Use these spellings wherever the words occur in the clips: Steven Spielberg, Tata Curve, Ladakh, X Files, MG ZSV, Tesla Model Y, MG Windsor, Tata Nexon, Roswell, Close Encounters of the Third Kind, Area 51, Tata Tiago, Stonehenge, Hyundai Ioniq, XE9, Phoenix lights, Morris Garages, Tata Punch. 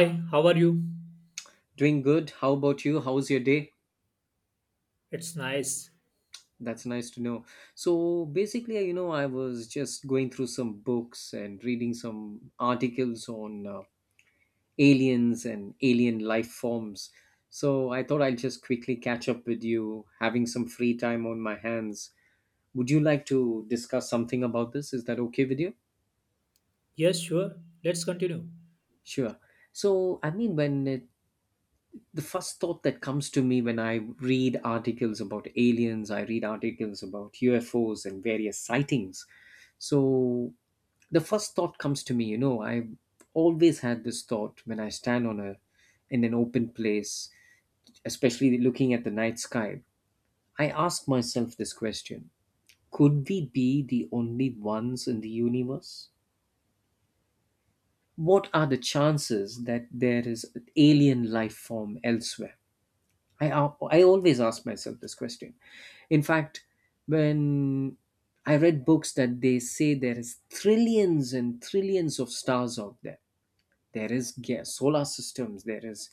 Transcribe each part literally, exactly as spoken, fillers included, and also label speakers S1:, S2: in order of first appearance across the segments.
S1: Hi, how are you?
S2: Doing good. How about you? How's your day?
S1: It's nice.
S2: That's nice to know. So basically, you know, I was just going through some books and reading some articles on uh, aliens and alien life forms. So I thought I'll just quickly catch up with you, having some free time on my hands. Would you like to discuss something about this? Is that okay with you?
S1: Yes, sure. Let's continue.
S2: Sure. So, I mean, when it the first thought that comes to me when I read articles about aliens, I read articles about U F Os and various sightings. So the first thought comes to me, you know, I always had this thought when I stand on a in an open place, especially looking at the night sky. I ask myself this question. Could we be the only ones in the universe? What are the chances that there is alien life form elsewhere? I al- I always ask myself this question. In fact, when I read books that they say there is trillions and trillions of stars out there. There is ga- solar systems, there is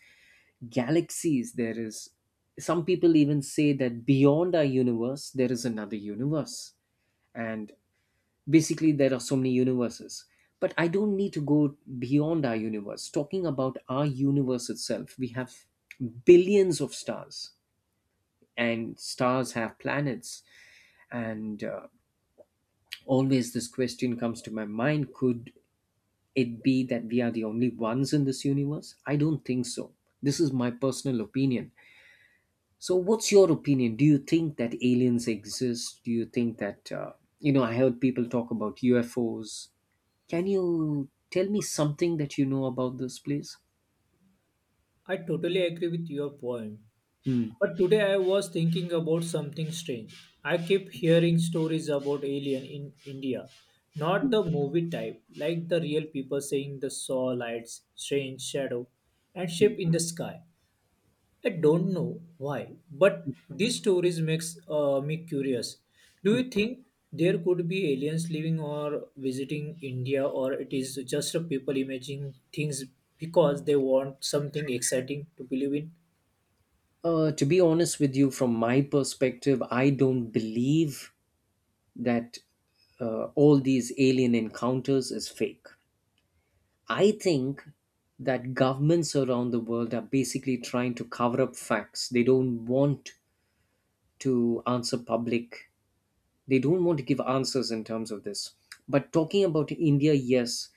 S2: galaxies, there is some people even say that beyond our universe there is another universe, and basically there are so many universes. But I don't need to go beyond our universe. Talking about our universe itself, we have billions of stars, and stars have planets, and uh, always this question comes to my mind. Could it be that we are the only ones in this universe? I don't think so. This is my personal opinion. So what's your opinion? Do you think that aliens exist? Do you think that uh, you know I heard people talk about UFOs. Can you tell me something that you know about this place?
S1: I totally agree with your point.
S2: Hmm.
S1: But today I was thinking about something strange. I keep hearing stories about alien in India. Not the movie type, like the real people saying the saw lights, strange shadow, and ship in the sky. I don't know why, but these stories makes uh, me curious. Do
S2: Hmm.
S1: you think there could be aliens living or visiting India, or it is just a people imagining things because they want something exciting to believe in?
S2: Uh, to be honest with you, from my perspective, I don't believe that uh, all these alien encounters is fake. I think that governments around the world are basically trying to cover up facts. They don't want to answer public. They don't want to give answers in terms of this. But talking about India, yes,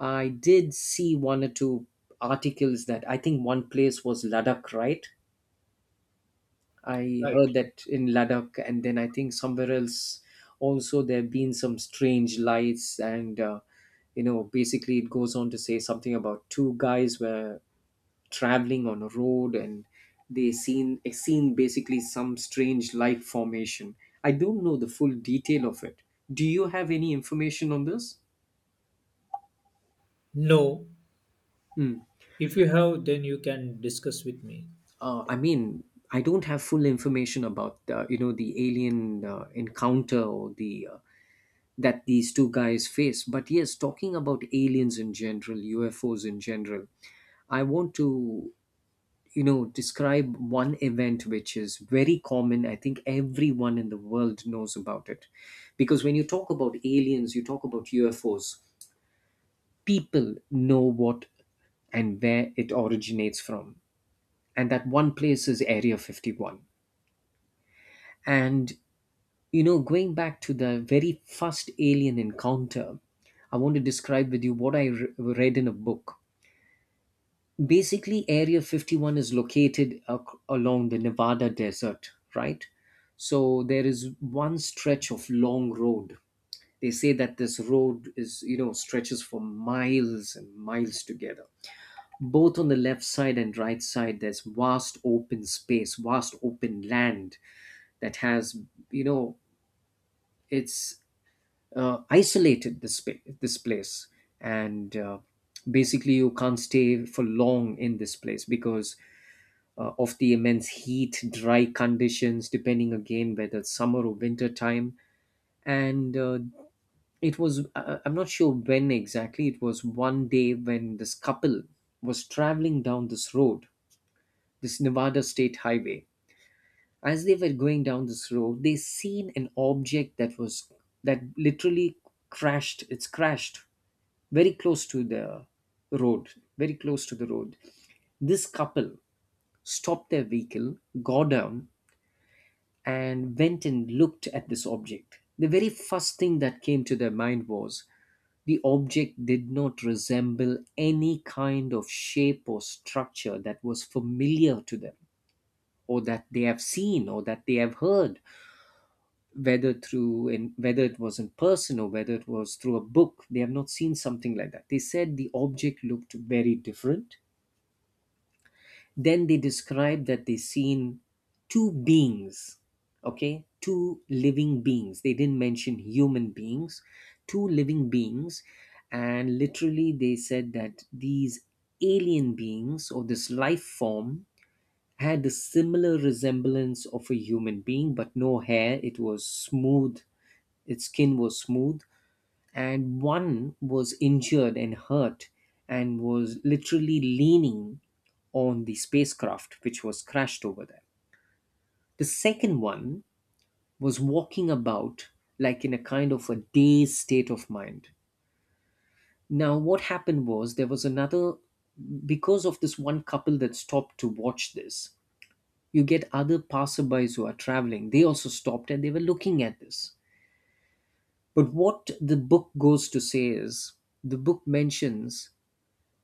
S2: I did see one or two articles that I think one place was Ladakh, right? I
S1: Right.
S2: heard that in Ladakh, and then I think somewhere else also there have been some strange lights, and uh, you know, basically it goes on to say something about two guys were traveling on a road, and they seen eh, seen basically some strange light formation. I don't know the full detail of it. Do you have any information on this?
S1: No.
S2: Hmm.
S1: If you have, then you can discuss with me.
S2: Uh, I mean, I don't have full information about uh, you know the alien uh, encounter, or the uh, that these two guys face. But yes, talking about aliens in general, U F Os in general, I want to, you know, describe one event which is very common. I think everyone in the world knows about it. Because when you talk about aliens, you talk about U F Os, people know what and where it originates from. And that one place is Area fifty-one. And You know, going back to the very first alien encounter, I want to describe with you what I re- read in a book. Basically, Area fifty-one is located ac- along the Nevada desert, right? So there is one stretch of long road. They say that this road is, you know, stretches for miles and miles together. Both on the left side and right side, there's vast open space, vast open land that has, you know, it's uh, isolated, this spa- this place, and uh, basically you can't stay for long in this place because uh, of the immense heat dry conditions, depending again whether it's summer or winter time. And uh, it was I- I'm not sure when exactly it was. One day, when this couple was traveling down this road, this Nevada state highway, as they were going down this road, they seen an object that was that literally crashed it's crashed very close to the road, very close to the road. This couple stopped their vehicle, got down, and went and looked at this object. The very first thing that came to their mind was the object did not resemble any kind of shape or structure that was familiar to them, or that they have seen, or that they have heard, whether through in whether it was in person or whether it was through a book. They have not seen something like that. They said the object looked very different. Then they describe that they seen two beings, okay, two living beings. They didn't mention human beings, two living beings, and literally they said that these alien beings or this life form had a similar resemblance of a human being, but no hair. It was smooth. Its skin was smooth, and one was injured and hurt and was literally leaning on the spacecraft which was crashed over there. The second one was walking about like in a kind of a dazed state of mind. Now, what happened was, there was another, because of this one couple that stopped to watch this, you get other passerbys who are traveling. They also stopped and they were looking at this. But what the book goes to say is the book mentions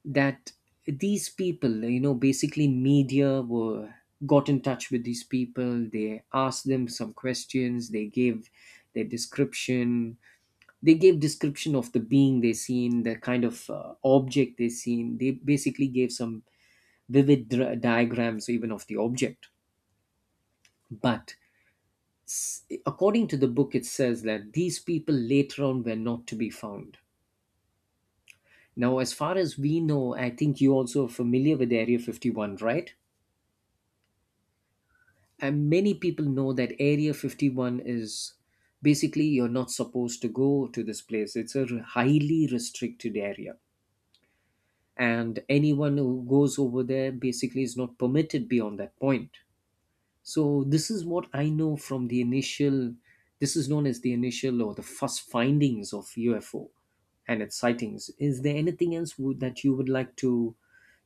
S2: that these people, you know, basically media were got in touch with these people. They asked them some questions. They gave their description. They gave description of the being they seen, the kind of uh, object they seen. They basically gave some vivid dra- diagrams even of the object. But s- according to the book, it says that these people later on were not to be found. Now, as far as we know, I think you also are familiar with Area fifty-one, right? And many people know that Area fifty-one is basically you're not supposed to go to this place. It's a r- highly restricted area, and anyone who goes over there basically is not permitted beyond that point. So this is what I know. From the initial This is known as the initial or the first findings of UFO and its sightings. Is there anything else would, that you would like to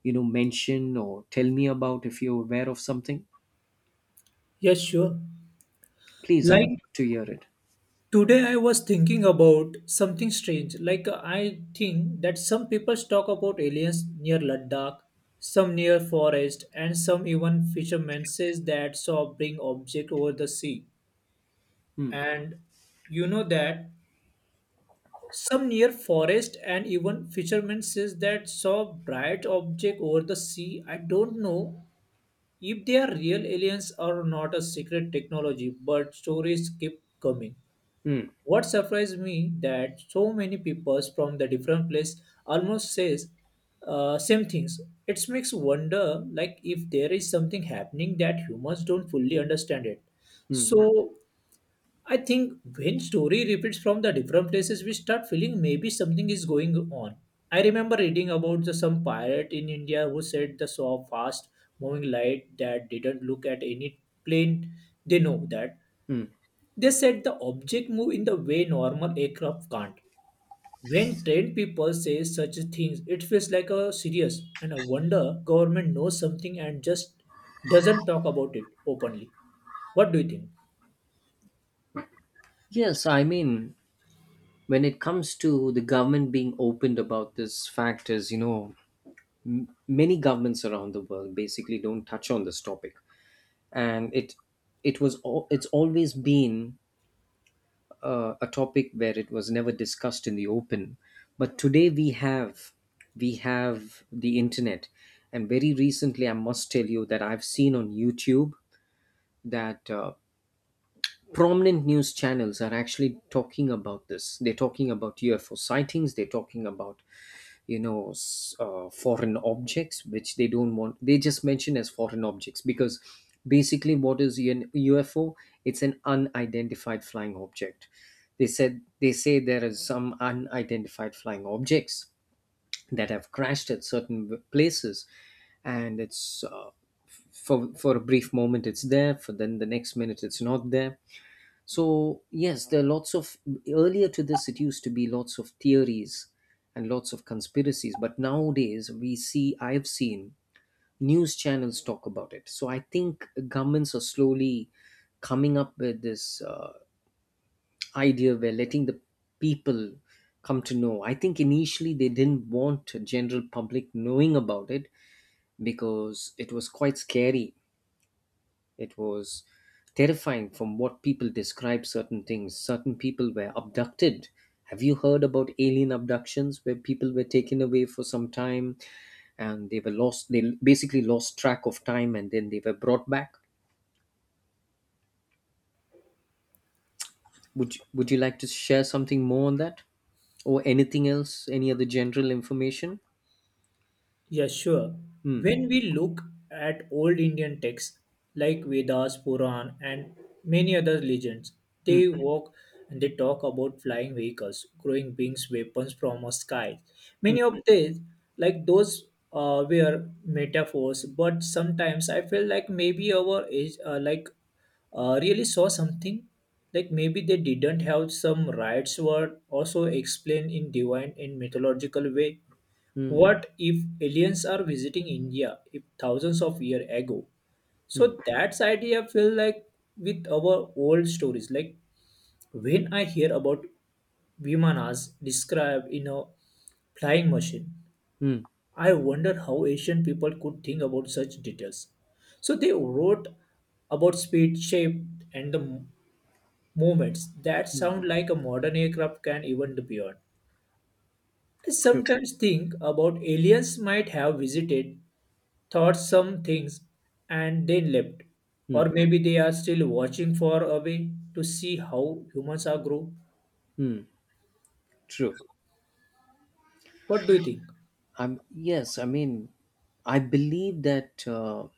S2: you know mention or tell me about, if you're aware of something?
S1: Yes, sure.
S2: Please, I would
S1: Like
S2: love to hear it.
S1: today I was thinking about something strange. Like uh, I think that some people talk about aliens near Ladakh, some near forest, and some even fishermen says that saw bring object over the sea.
S2: Hmm.
S1: And you know that some near forest and even fishermen says that saw bright object over the sea. I don't know if they are real aliens or not a secret technology, but stories keep coming.
S2: Hmm.
S1: What surprised me that so many people from the different place almost says uh, same things. It makes wonder like if there is something happening that humans don't fully understand it.
S2: Mm,
S1: So I think when story repeats from the different places, we start feeling maybe something is going on. I remember reading about the, some pirate in India who said the saw fast moving light that didn't look at any plane. They know that
S2: mm.
S1: they said the object move in the way normal aircraft can't. When trained people say such things, it feels like a serious and a wonder government knows something and just doesn't talk about it openly. What do you think?
S2: Yes, I mean, when it comes to the government being opened about this fact, is you know, many governments around the world basically don't touch on this topic, and it it was al- it's always been uh, a topic where it was never discussed in the open. But today we have, we have the internet, and very recently I must tell you that I've seen on YouTube that Uh, prominent news channels are actually talking about this. They're talking about U F O sightings. They're talking about, you know s- uh, foreign objects, which they don't want. They just mention as foreign objects, because basically, what is an U F O? It's an unidentified flying object. They said they say there are some unidentified flying objects that have crashed at certain w- places, and it's uh, for for a brief moment it's there, for then the next minute it's not there. So, yes, there are lots of, earlier to this, it used to be lots of theories and lots of conspiracies, but nowadays we see, I've seen news channels talk about it. So, I think governments are slowly coming up with this uh, idea where letting the people come to know. I think initially they didn't want general public knowing about it, because it was quite scary. It was terrifying. From what people describe, certain things, certain people were abducted. Have you heard about alien abductions, where people were taken away for some time, and they were lost they basically lost track of time, and then they were brought back? Would you, would you like to share something more on that, or anything else, any other general information?
S1: Yeah, sure.
S2: Hmm.
S1: When we look at old Indian texts like Vedas, Puran, and many other legends,
S2: Hmm.
S1: they walk and they talk about flying vehicles, growing beings, weapons from a sky. Many of these, like those, uh, were metaphors. But sometimes I feel like maybe our age, uh, like, uh, really saw something. Like maybe they didn't have some rights word also explained in divine and mythological way.
S2: Hmm.
S1: What if aliens are visiting India if thousands of years ago?
S2: Hmm.
S1: So that's idea feel like with our old stories. Like when I hear about Vimanas described in a flying machine,
S2: Hmm.
S1: I wonder how Asian people could think about such details. So they wrote about speed, shape, and the m- movements that
S2: Hmm.
S1: sound like a modern aircraft can even beyond. I
S2: True.
S1: sometimes think about aliens might have visited thought some things and then left.
S2: Hmm.
S1: Or maybe they are still watching for a way to see how humans are grow.
S2: Hmm. True.
S1: What do you think?
S2: Um, yes, I mean, I believe that uh,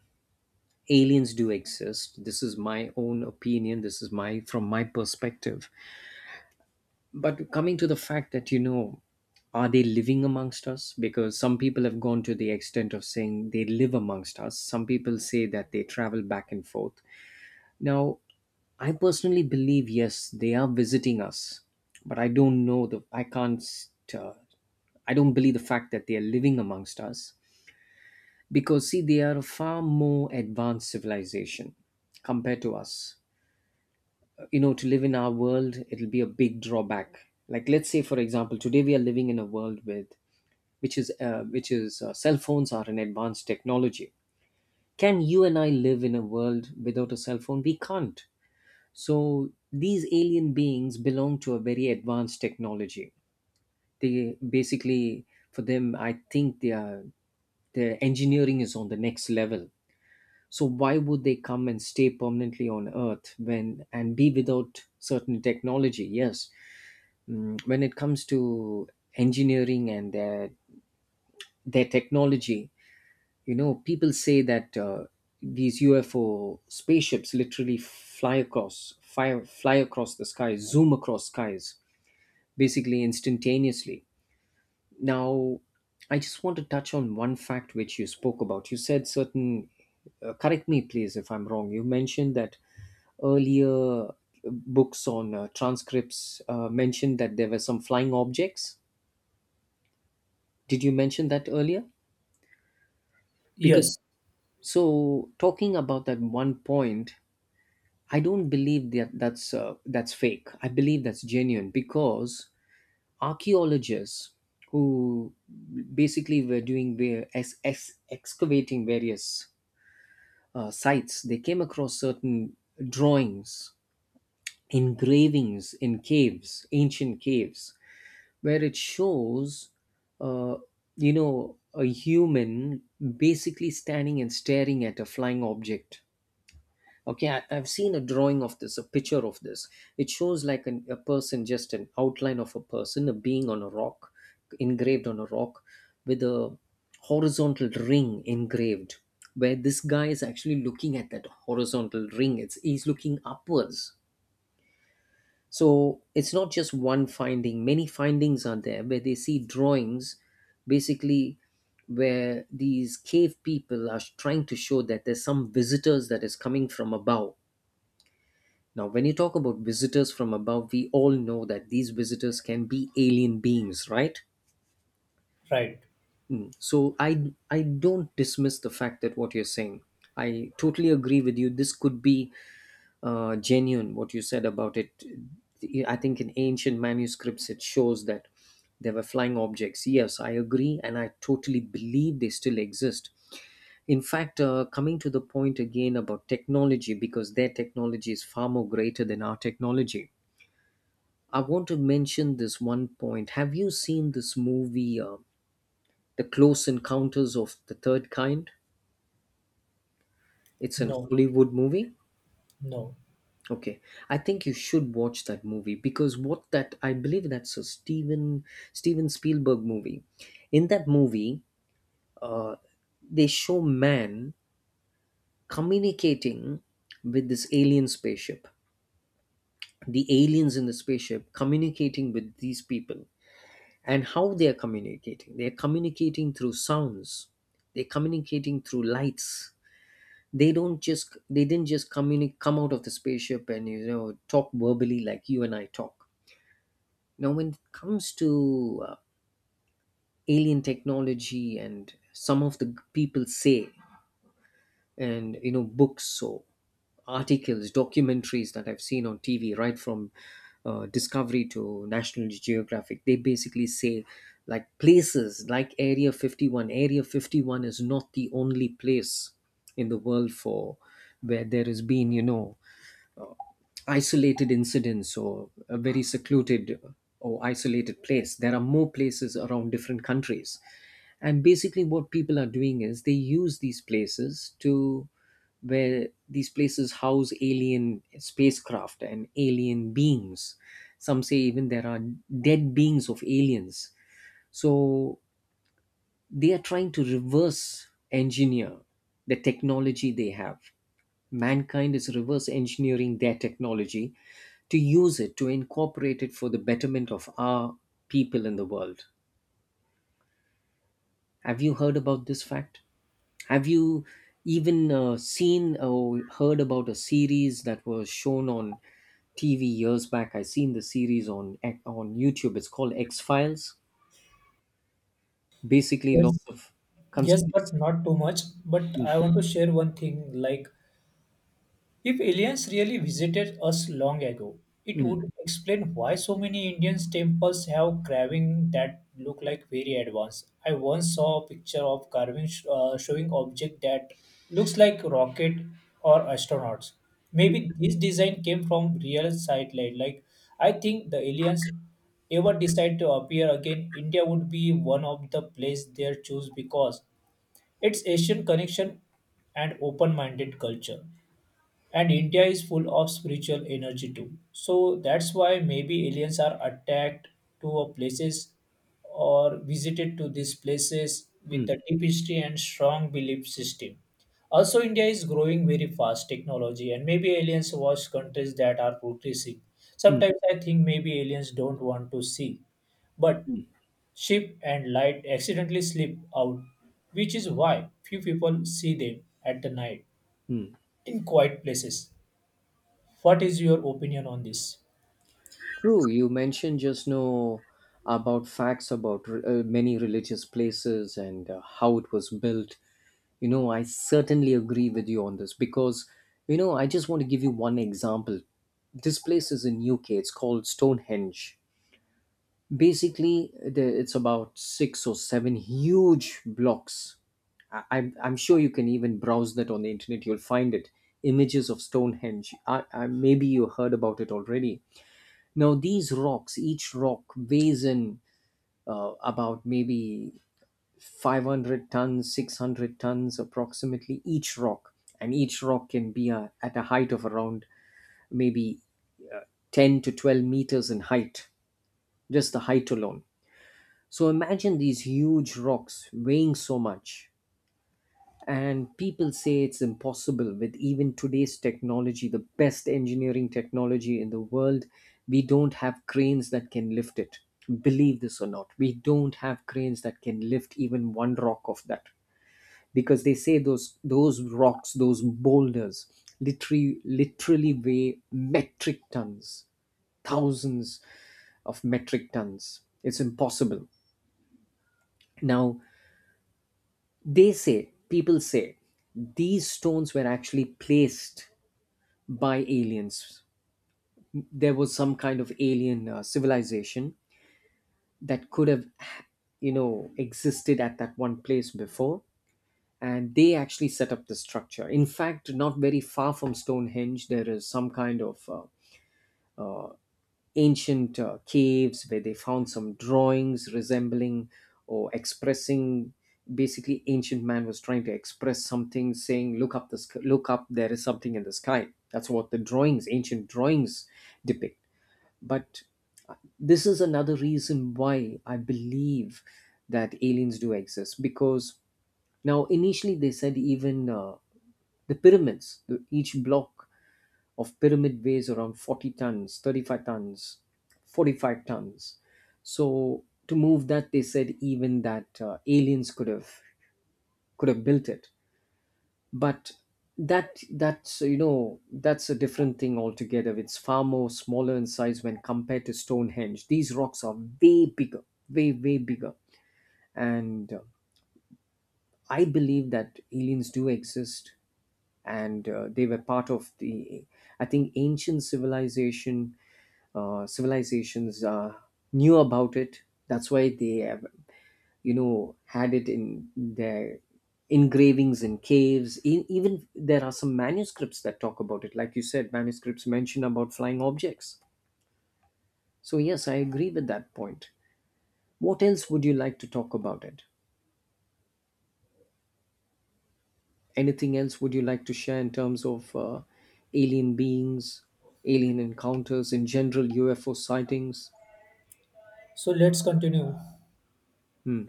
S2: aliens do exist. This is my own opinion, this is my from my perspective. But coming to the fact that, you know are they living amongst us, because some people have gone to the extent of saying they live amongst us, some people say that they travel back and forth. Now, I personally believe yes they are visiting us, but I don't know, the I can't uh, I don't believe the fact that they are living amongst us, because, see, they are a far more advanced civilization compared to us. You know, to live in our world, it'll be a big drawback. Like, let's say for example, today we are living in a world with which is uh, which is uh, cell phones are an advanced technology. Can you and I live in a world without a cell phone? We can't. So these alien beings belong to a very advanced technology. They basically, for them I think they are, their engineering is on the next level. So why would they come and stay permanently on earth when and be without certain technology? Yes. Mm, when it comes to engineering and their their technology, you know, people say that uh, these U F O spaceships literally fly across, fly, fly across the sky, zoom across skies, basically instantaneously. Now, I just want to touch on one fact which you spoke about. You said certain, uh, correct me please if I'm wrong, you mentioned that earlier, uh, books on uh, transcripts uh, mentioned that there were some flying objects. Did you mention that earlier? Because,
S1: Yes,
S2: so talking about that one point, I don't believe that that's uh, that's fake. I believe that's genuine because archaeologists who basically were doing their ex- ex- excavating various uh, sites, they came across certain drawings, engravings in caves, ancient caves, where it shows, uh, you know, a human basically standing and staring at a flying object. Okay, I, I've seen a drawing of this, a picture of this. It shows like an, a person, just an outline of a person, a being on a rock, engraved on a rock, with a horizontal ring engraved, where this guy is actually looking at that horizontal ring. It's, he's looking upwards. So it's not just one finding, many findings are there where they see drawings, basically where these cave people are trying to show that there's some visitors that is coming from above. Now, when you talk about visitors from above, we all know that these visitors can be alien beings, right?
S1: right.
S2: Mm. So I I don't dismiss the fact that what you're saying. I totally agree with you. This could be uh, genuine what you said about it. I think in ancient manuscripts it shows that there were flying objects. Yes, I agree, and I totally believe they still exist. In fact, uh, coming to the point again about technology, because their technology is far more greater than our technology. I want to mention this one point. Have you seen this movie, uh, The Close Encounters of the Third Kind? It's an
S1: No,
S2: Hollywood movie.
S1: no.
S2: Okay, I think you should watch that movie because what that, I believe that's a Steven Steven Spielberg movie. In that movie, uh, they show man communicating with this alien spaceship. The aliens in the spaceship communicating with these people, and how they are communicating. They are communicating through sounds. They're communicating through lights. They don't just, they didn't just communicate, come out of the spaceship and, you know, talk verbally like you and I talk. Now, when it comes to uh, alien technology, and some of the people say, and you know, books or articles, documentaries that I've seen on T V, right from uh, Discovery to National Geographic, they basically say like places like Area fifty-one. Area fifty-one is not the only place in the world for, where there has been, you know, isolated incidents or a very secluded or isolated place. There are more places around different countries. And basically, what people are doing is they use these places to, where these places house alien spacecraft and alien beings. Some say even there are dead beings of aliens. So they are trying to reverse engineer the technology they have. Mankind is reverse engineering their technology to use it, to incorporate it for the betterment of our people in the world. Have you heard about this fact? Have you even uh, seen or heard about a series that was shown on T V years back? I seen the series on on YouTube. It's called X Files. Basically, lots
S1: Yes,
S2: of
S1: yes,
S2: conspiracy.
S1: but not too much. But
S2: Mm,
S1: I want to share one thing like if aliens really visited us long ago, it
S2: mm,
S1: would explain why so many Indian temples have carving that look like very advanced. I once saw a picture of carving sh- uh, showing object that looks like rocket or astronauts. Maybe this design came from real satellite. Like I think the aliens ever decide to appear again, India would be one of the place they choose because its Asian connection and open-minded culture and India is full of spiritual energy too. So that's why maybe aliens are attacked to a places or visited to these places with
S2: mm,
S1: a deep history and strong belief system. Also, India is growing very fast technology, and maybe aliens watch countries that are progressing.
S2: mm,
S1: Sometimes I think maybe aliens don't want to see, but ship and light accidentally slip out, which is why few people see them at the night
S2: mm.
S1: in quiet places. What is your opinion on this?
S2: True, you mentioned just now about facts about uh, many religious places and uh, how it was built. You know, I certainly agree with you on this because, you know, I just want to give you one example. This place is in U K. It's called Stonehenge. Basically, the, it's about six or seven huge blocks. I, I'm, I'm sure you can even browse that on the internet. You'll find it. Images of Stonehenge. I, I, maybe you heard about it already. Now these rocks, each rock weighs in uh, about maybe five hundred tons, six hundred tons approximately each rock, and each rock can be a, at a height of around maybe ten to twelve meters in height, just the height alone. So imagine these huge rocks weighing so much. And people say it's impossible with even today's technology, the best engineering technology in the world. We don't have cranes that can lift it. Believe this or not, we don't have cranes that can lift even one rock of that, because they say those those rocks, those boulders literally literally weigh metric tons, thousands of metric tons. It's impossible. Now they say, people say these stones were actually placed by aliens. There was some kind of alien uh, civilization that could have, you know, existed at that one place before, and they actually set up the structure. In fact, not very far from Stonehenge, there is some kind of uh, ancient uh, caves where they found some drawings resembling or expressing. Basically, ancient man was trying to express something, saying, "Look up the sk- look up. There is something in the sky." That's what the drawings, ancient drawings, depict. But this is another reason why I believe that aliens do exist, because now initially they said even uh, the pyramids, the, each block of pyramid weighs around forty tons, thirty-five tons, forty-five tons. So to move that, they said even that uh, aliens could have, could have built it. But that that's you know, that's a different thing altogether. It's far more smaller in size when compared to Stonehenge. These rocks are way bigger, way way bigger. And uh, I believe that aliens do exist, and uh, they were part of the, I think ancient civilization, uh, civilizations uh, knew about it. That's why they have, you know, had it in their engravings in caves. E- even there are some manuscripts that talk about it. Like you said, manuscripts mention about flying objects. So yes, I agree with that point. What else would you like to talk about it? Anything else would you like to share in terms of uh, alien beings, alien encounters in general, U F O sightings?
S1: So let's continue.
S2: Hmm.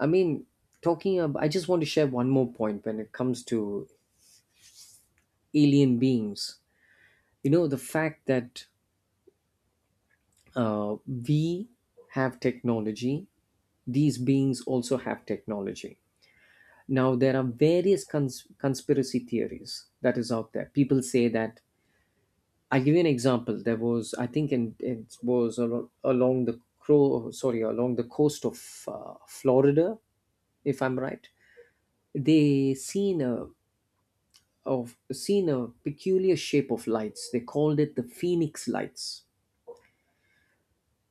S2: I mean, talking about, I just want to share one more point when it comes to alien beings. You know, the fact that Uh, we have technology, these beings also have technology. Now, there are various cons- conspiracy theories that is out there. People say that, I'll give you an example. There was, I think, in, it was al- along the crow, sorry, along the coast of uh, Florida, if I'm right. They seen a, of seen a peculiar shape of lights. They called it the Phoenix lights.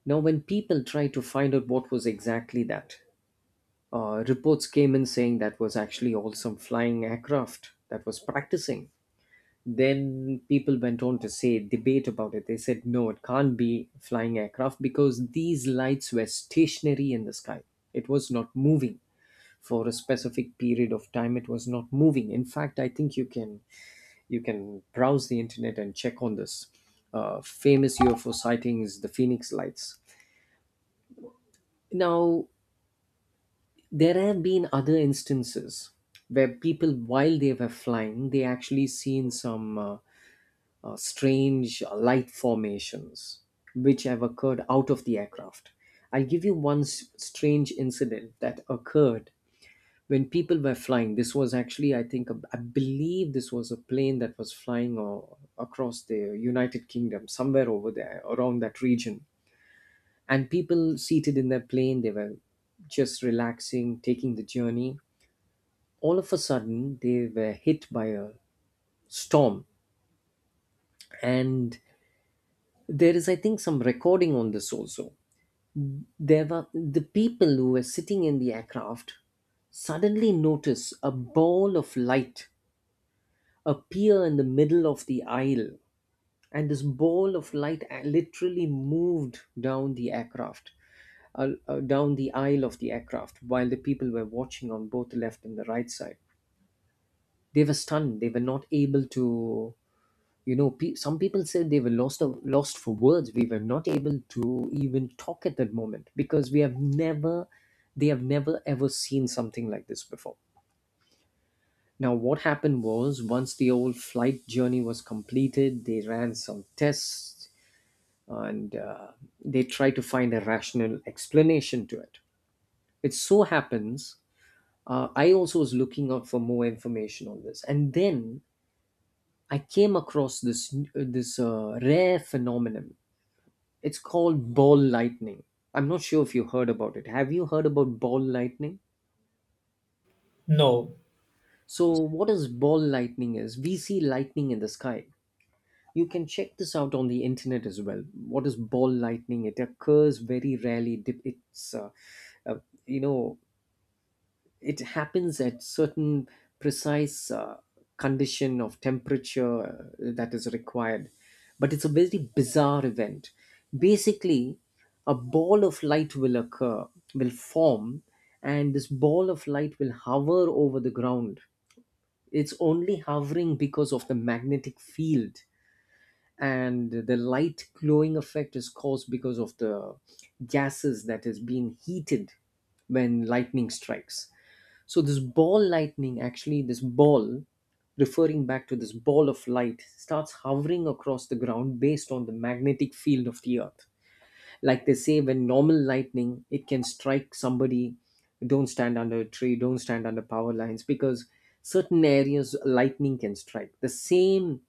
S2: Now, when people tried to find out what was exactly that, Uh, reports came in saying that was actually all some flying aircraft that was practicing. Then people went on to say, debate about it. They said, no, it can't be flying aircraft because these lights were stationary in the sky. It was not moving for a specific period of time. It was not moving. In fact, I think you can, you can browse the internet and check on this. Uh, famous U F O sighting is the Phoenix lights. Now, there have been other instances where people, while they were flying, they actually seen some uh, uh, strange uh, light formations which have occurred out of the aircraft. I'll give you one s- strange incident that occurred when people were flying. This was actually, I think, a- I believe this was a plane that was flying uh, across the United Kingdom, somewhere over there, around that region. And people seated in their plane, they were just relaxing, taking the journey. All of a sudden, they were hit by a storm, and there is, I think, some recording on this also. There were the people who were sitting in the aircraft suddenly notice a ball of light appear in the middle of the aisle, and this ball of light a- literally moved down the aircraft, uh, uh, down the aisle of the aircraft, while the people were watching on both the left and the right side. They were stunned. They were not able to, you know, pe- some people said they were lost of, lost for words. We were not able to even talk at that moment because we have never, they have never ever seen something like this before. Now, what happened was, once the old flight journey was completed, they ran some tests, and uh, they tried to find a rational explanation to it. It so happens, uh, I also was looking out for more information on this, and then I came across this uh, this uh, rare phenomenon. It's called ball lightning. I'm not sure if you heard about it. Have you heard about ball lightning?
S1: No.
S2: So, what is ball lightning is? We see lightning in the sky. You can check this out on the internet as well. What is ball lightning? It occurs very rarely. Dip- It's uh, uh, you know it happens at certain precise uh, condition of temperature uh, that is required, but it's a very bizarre event. Basically, a ball of light will occur, will form, and this ball of light will hover over the ground. It's only hovering because of the magnetic field, and the light glowing effect is caused because of the gases that is being heated when lightning strikes. So this ball lightning, actually, this ball, referring back to this ball of light, starts hovering across the ground based on the magnetic field of the earth. Like they say, when normal lightning, it can strike somebody. Don't stand under a tree. Don't stand under power lines because certain areas lightning can strike. The same,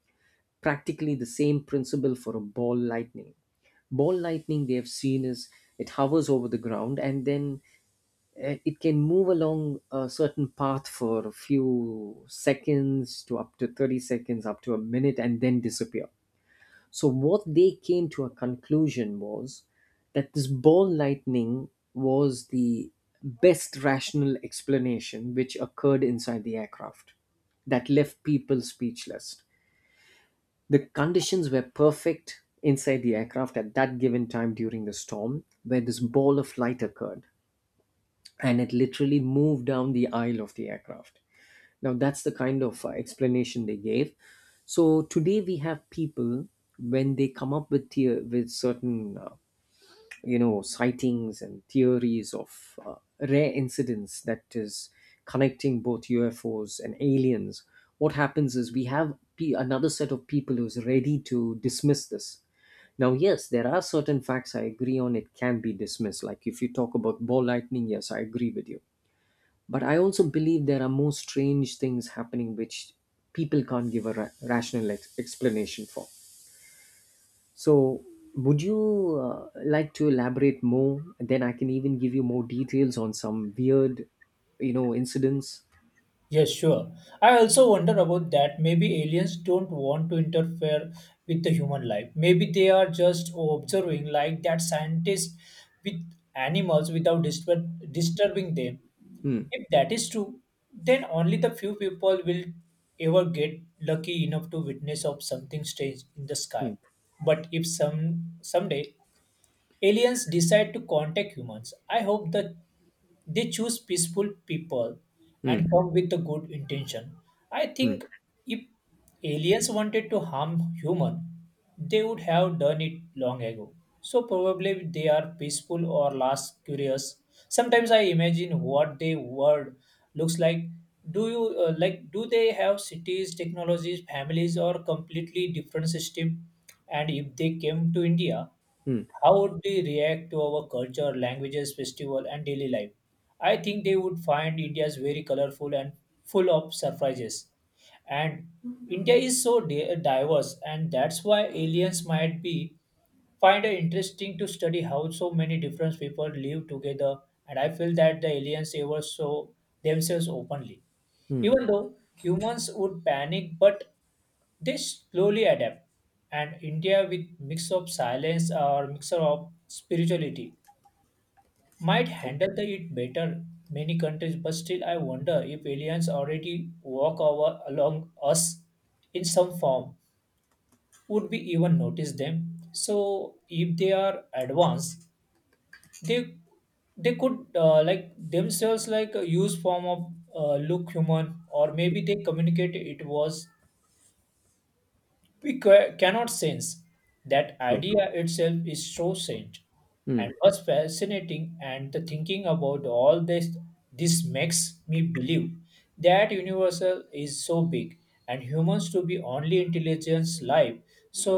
S2: practically the same principle for a ball lightning ball lightning they have seen is it hovers over the ground, and then uh, it can move along a certain path for a few seconds to up to thirty seconds up to a minute and then disappear. So what they came to a conclusion was that this ball lightning was the best rational explanation which occurred inside the aircraft that left people speechless. The conditions were perfect inside the aircraft at that given time during the storm where this ball of light occurred, and it literally moved down the aisle of the aircraft. Now, that's the kind of uh, explanation they gave. So today we have people when they come up with the, with certain uh, you know sightings and theories of uh, rare incidents that is connecting both U F Os and aliens. What happens is we have pe another set of people who's ready to dismiss this. Now, yes, there are certain facts I agree on. It can be dismissed. Like if you talk about ball lightning, yes, I agree with you, but I also believe there are more strange things happening which people can't give a ra- rational ex- explanation for. So, would you uh, like to elaborate more? And then I can even give you more details on some weird, you know, incidents.
S1: Yes, sure. I also wonder about that. Maybe aliens don't want to interfere with the human life. Maybe they are just observing, like that scientist with animals without disturb- disturbing them.
S2: Hmm.
S1: If that is true, then only the few people will ever get lucky enough to witness of something strange in the sky.
S2: Hmm.
S1: But if some someday aliens decide to contact humans, I hope that they choose peaceful people
S2: Hmm.
S1: and come with a good intention. I
S2: Hmm.
S1: think if aliens wanted to harm human, they would have done it long ago. So probably they are peaceful or less curious. Sometimes I imagine what their world looks like. Do you uh, like? Do they have cities, technologies, families, or completely different system? And if they came to India,
S2: Hmm.
S1: how would they react to our culture, languages, festival, and daily life? I think they would find India's very colorful and full of surprises. And India is so di- diverse, and that's why aliens might be find it interesting to study how so many different people live together. And I feel that the aliens ever show themselves openly,
S2: Hmm.
S1: even though humans would panic. But they slowly adapt, and India with mix of silence or mixture of spirituality might
S2: Yeah.
S1: handle the it better many countries. But still, I wonder if aliens already walk over along us in some form, would we even notice them? So if they are advanced, they they could uh, like themselves like uh, use form of uh, look human, or maybe they communicate it was. We ca- cannot sense that
S2: True.
S1: idea itself is so strange
S2: Hmm.
S1: and was fascinating, and the thinking about all this, this makes me believe that universal is so big and humans to be only intelligence life. So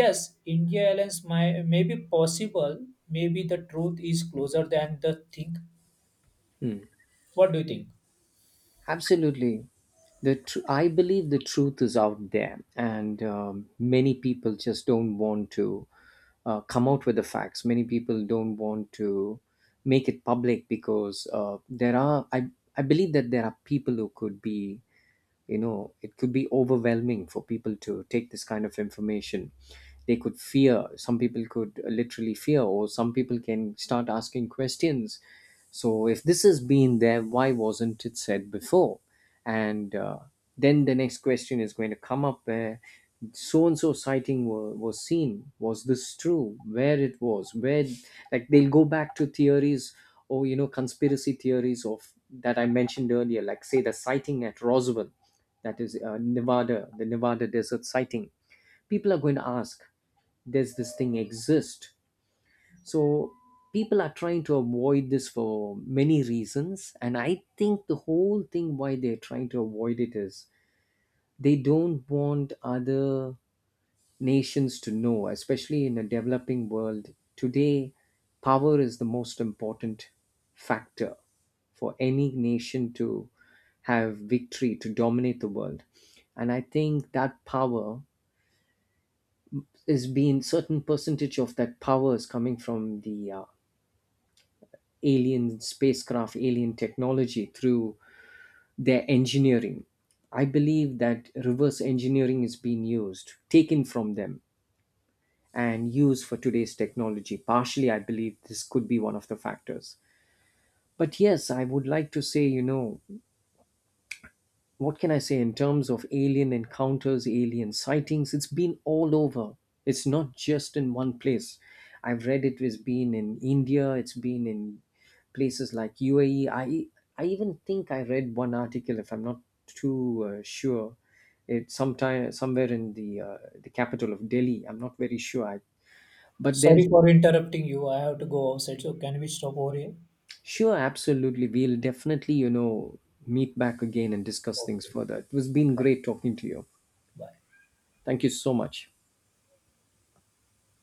S1: yes, India alliance may, may be possible. Maybe the truth is closer than the think.
S2: Hmm.
S1: What do you think?
S2: Absolutely. The tr- I believe the truth is out there, and um, many people just don't want to uh, come out with the facts. Many people don't want to make it public because uh, there are, I, I believe that there are people who could be, you know, it could be overwhelming for people to take this kind of information. They could fear, some people could literally fear, or some people can start asking questions. So if this has been there, why wasn't it said before? And uh, then the next question is going to come up where so and so sighting were, was seen, was this true, where it was, where, like, they'll go back to theories or, you know, conspiracy theories of that I mentioned earlier, like say the sighting at Roswell, that is uh, Nevada, the Nevada desert sighting. People are going to ask, does this thing exist? So people are trying to avoid this for many reasons. And I think the whole thing why they're trying to avoid it is they don't want other nations to know, especially in a developing world. Today, power is the most important factor for any nation to have victory, to dominate the world. And I think that power is being certain percentage of that power is coming from the uh, alien spacecraft, alien technology through their engineering. I believe that reverse engineering is being used, taken from them and use for today's technology. Partially, I believe this could be one of the factors. But yes, I would like to say, you know, what can I say in terms of alien encounters, alien sightings? It's been all over. It's not just in one place. I've read it has been in India, it's been in places like U A E. I, I even think I read one article, if I'm not too uh, sure, it sometime somewhere in the uh, the capital of Delhi. I'm not very sure. I, but there
S1: Sorry
S2: has
S1: for interrupting you, I have to go outside, so can we stop over here?
S2: Sure, absolutely. We'll definitely, you know, meet back again and discuss things
S1: Okay,
S2: further. It was been great talking to you.
S1: bye.
S2: Thank you so much.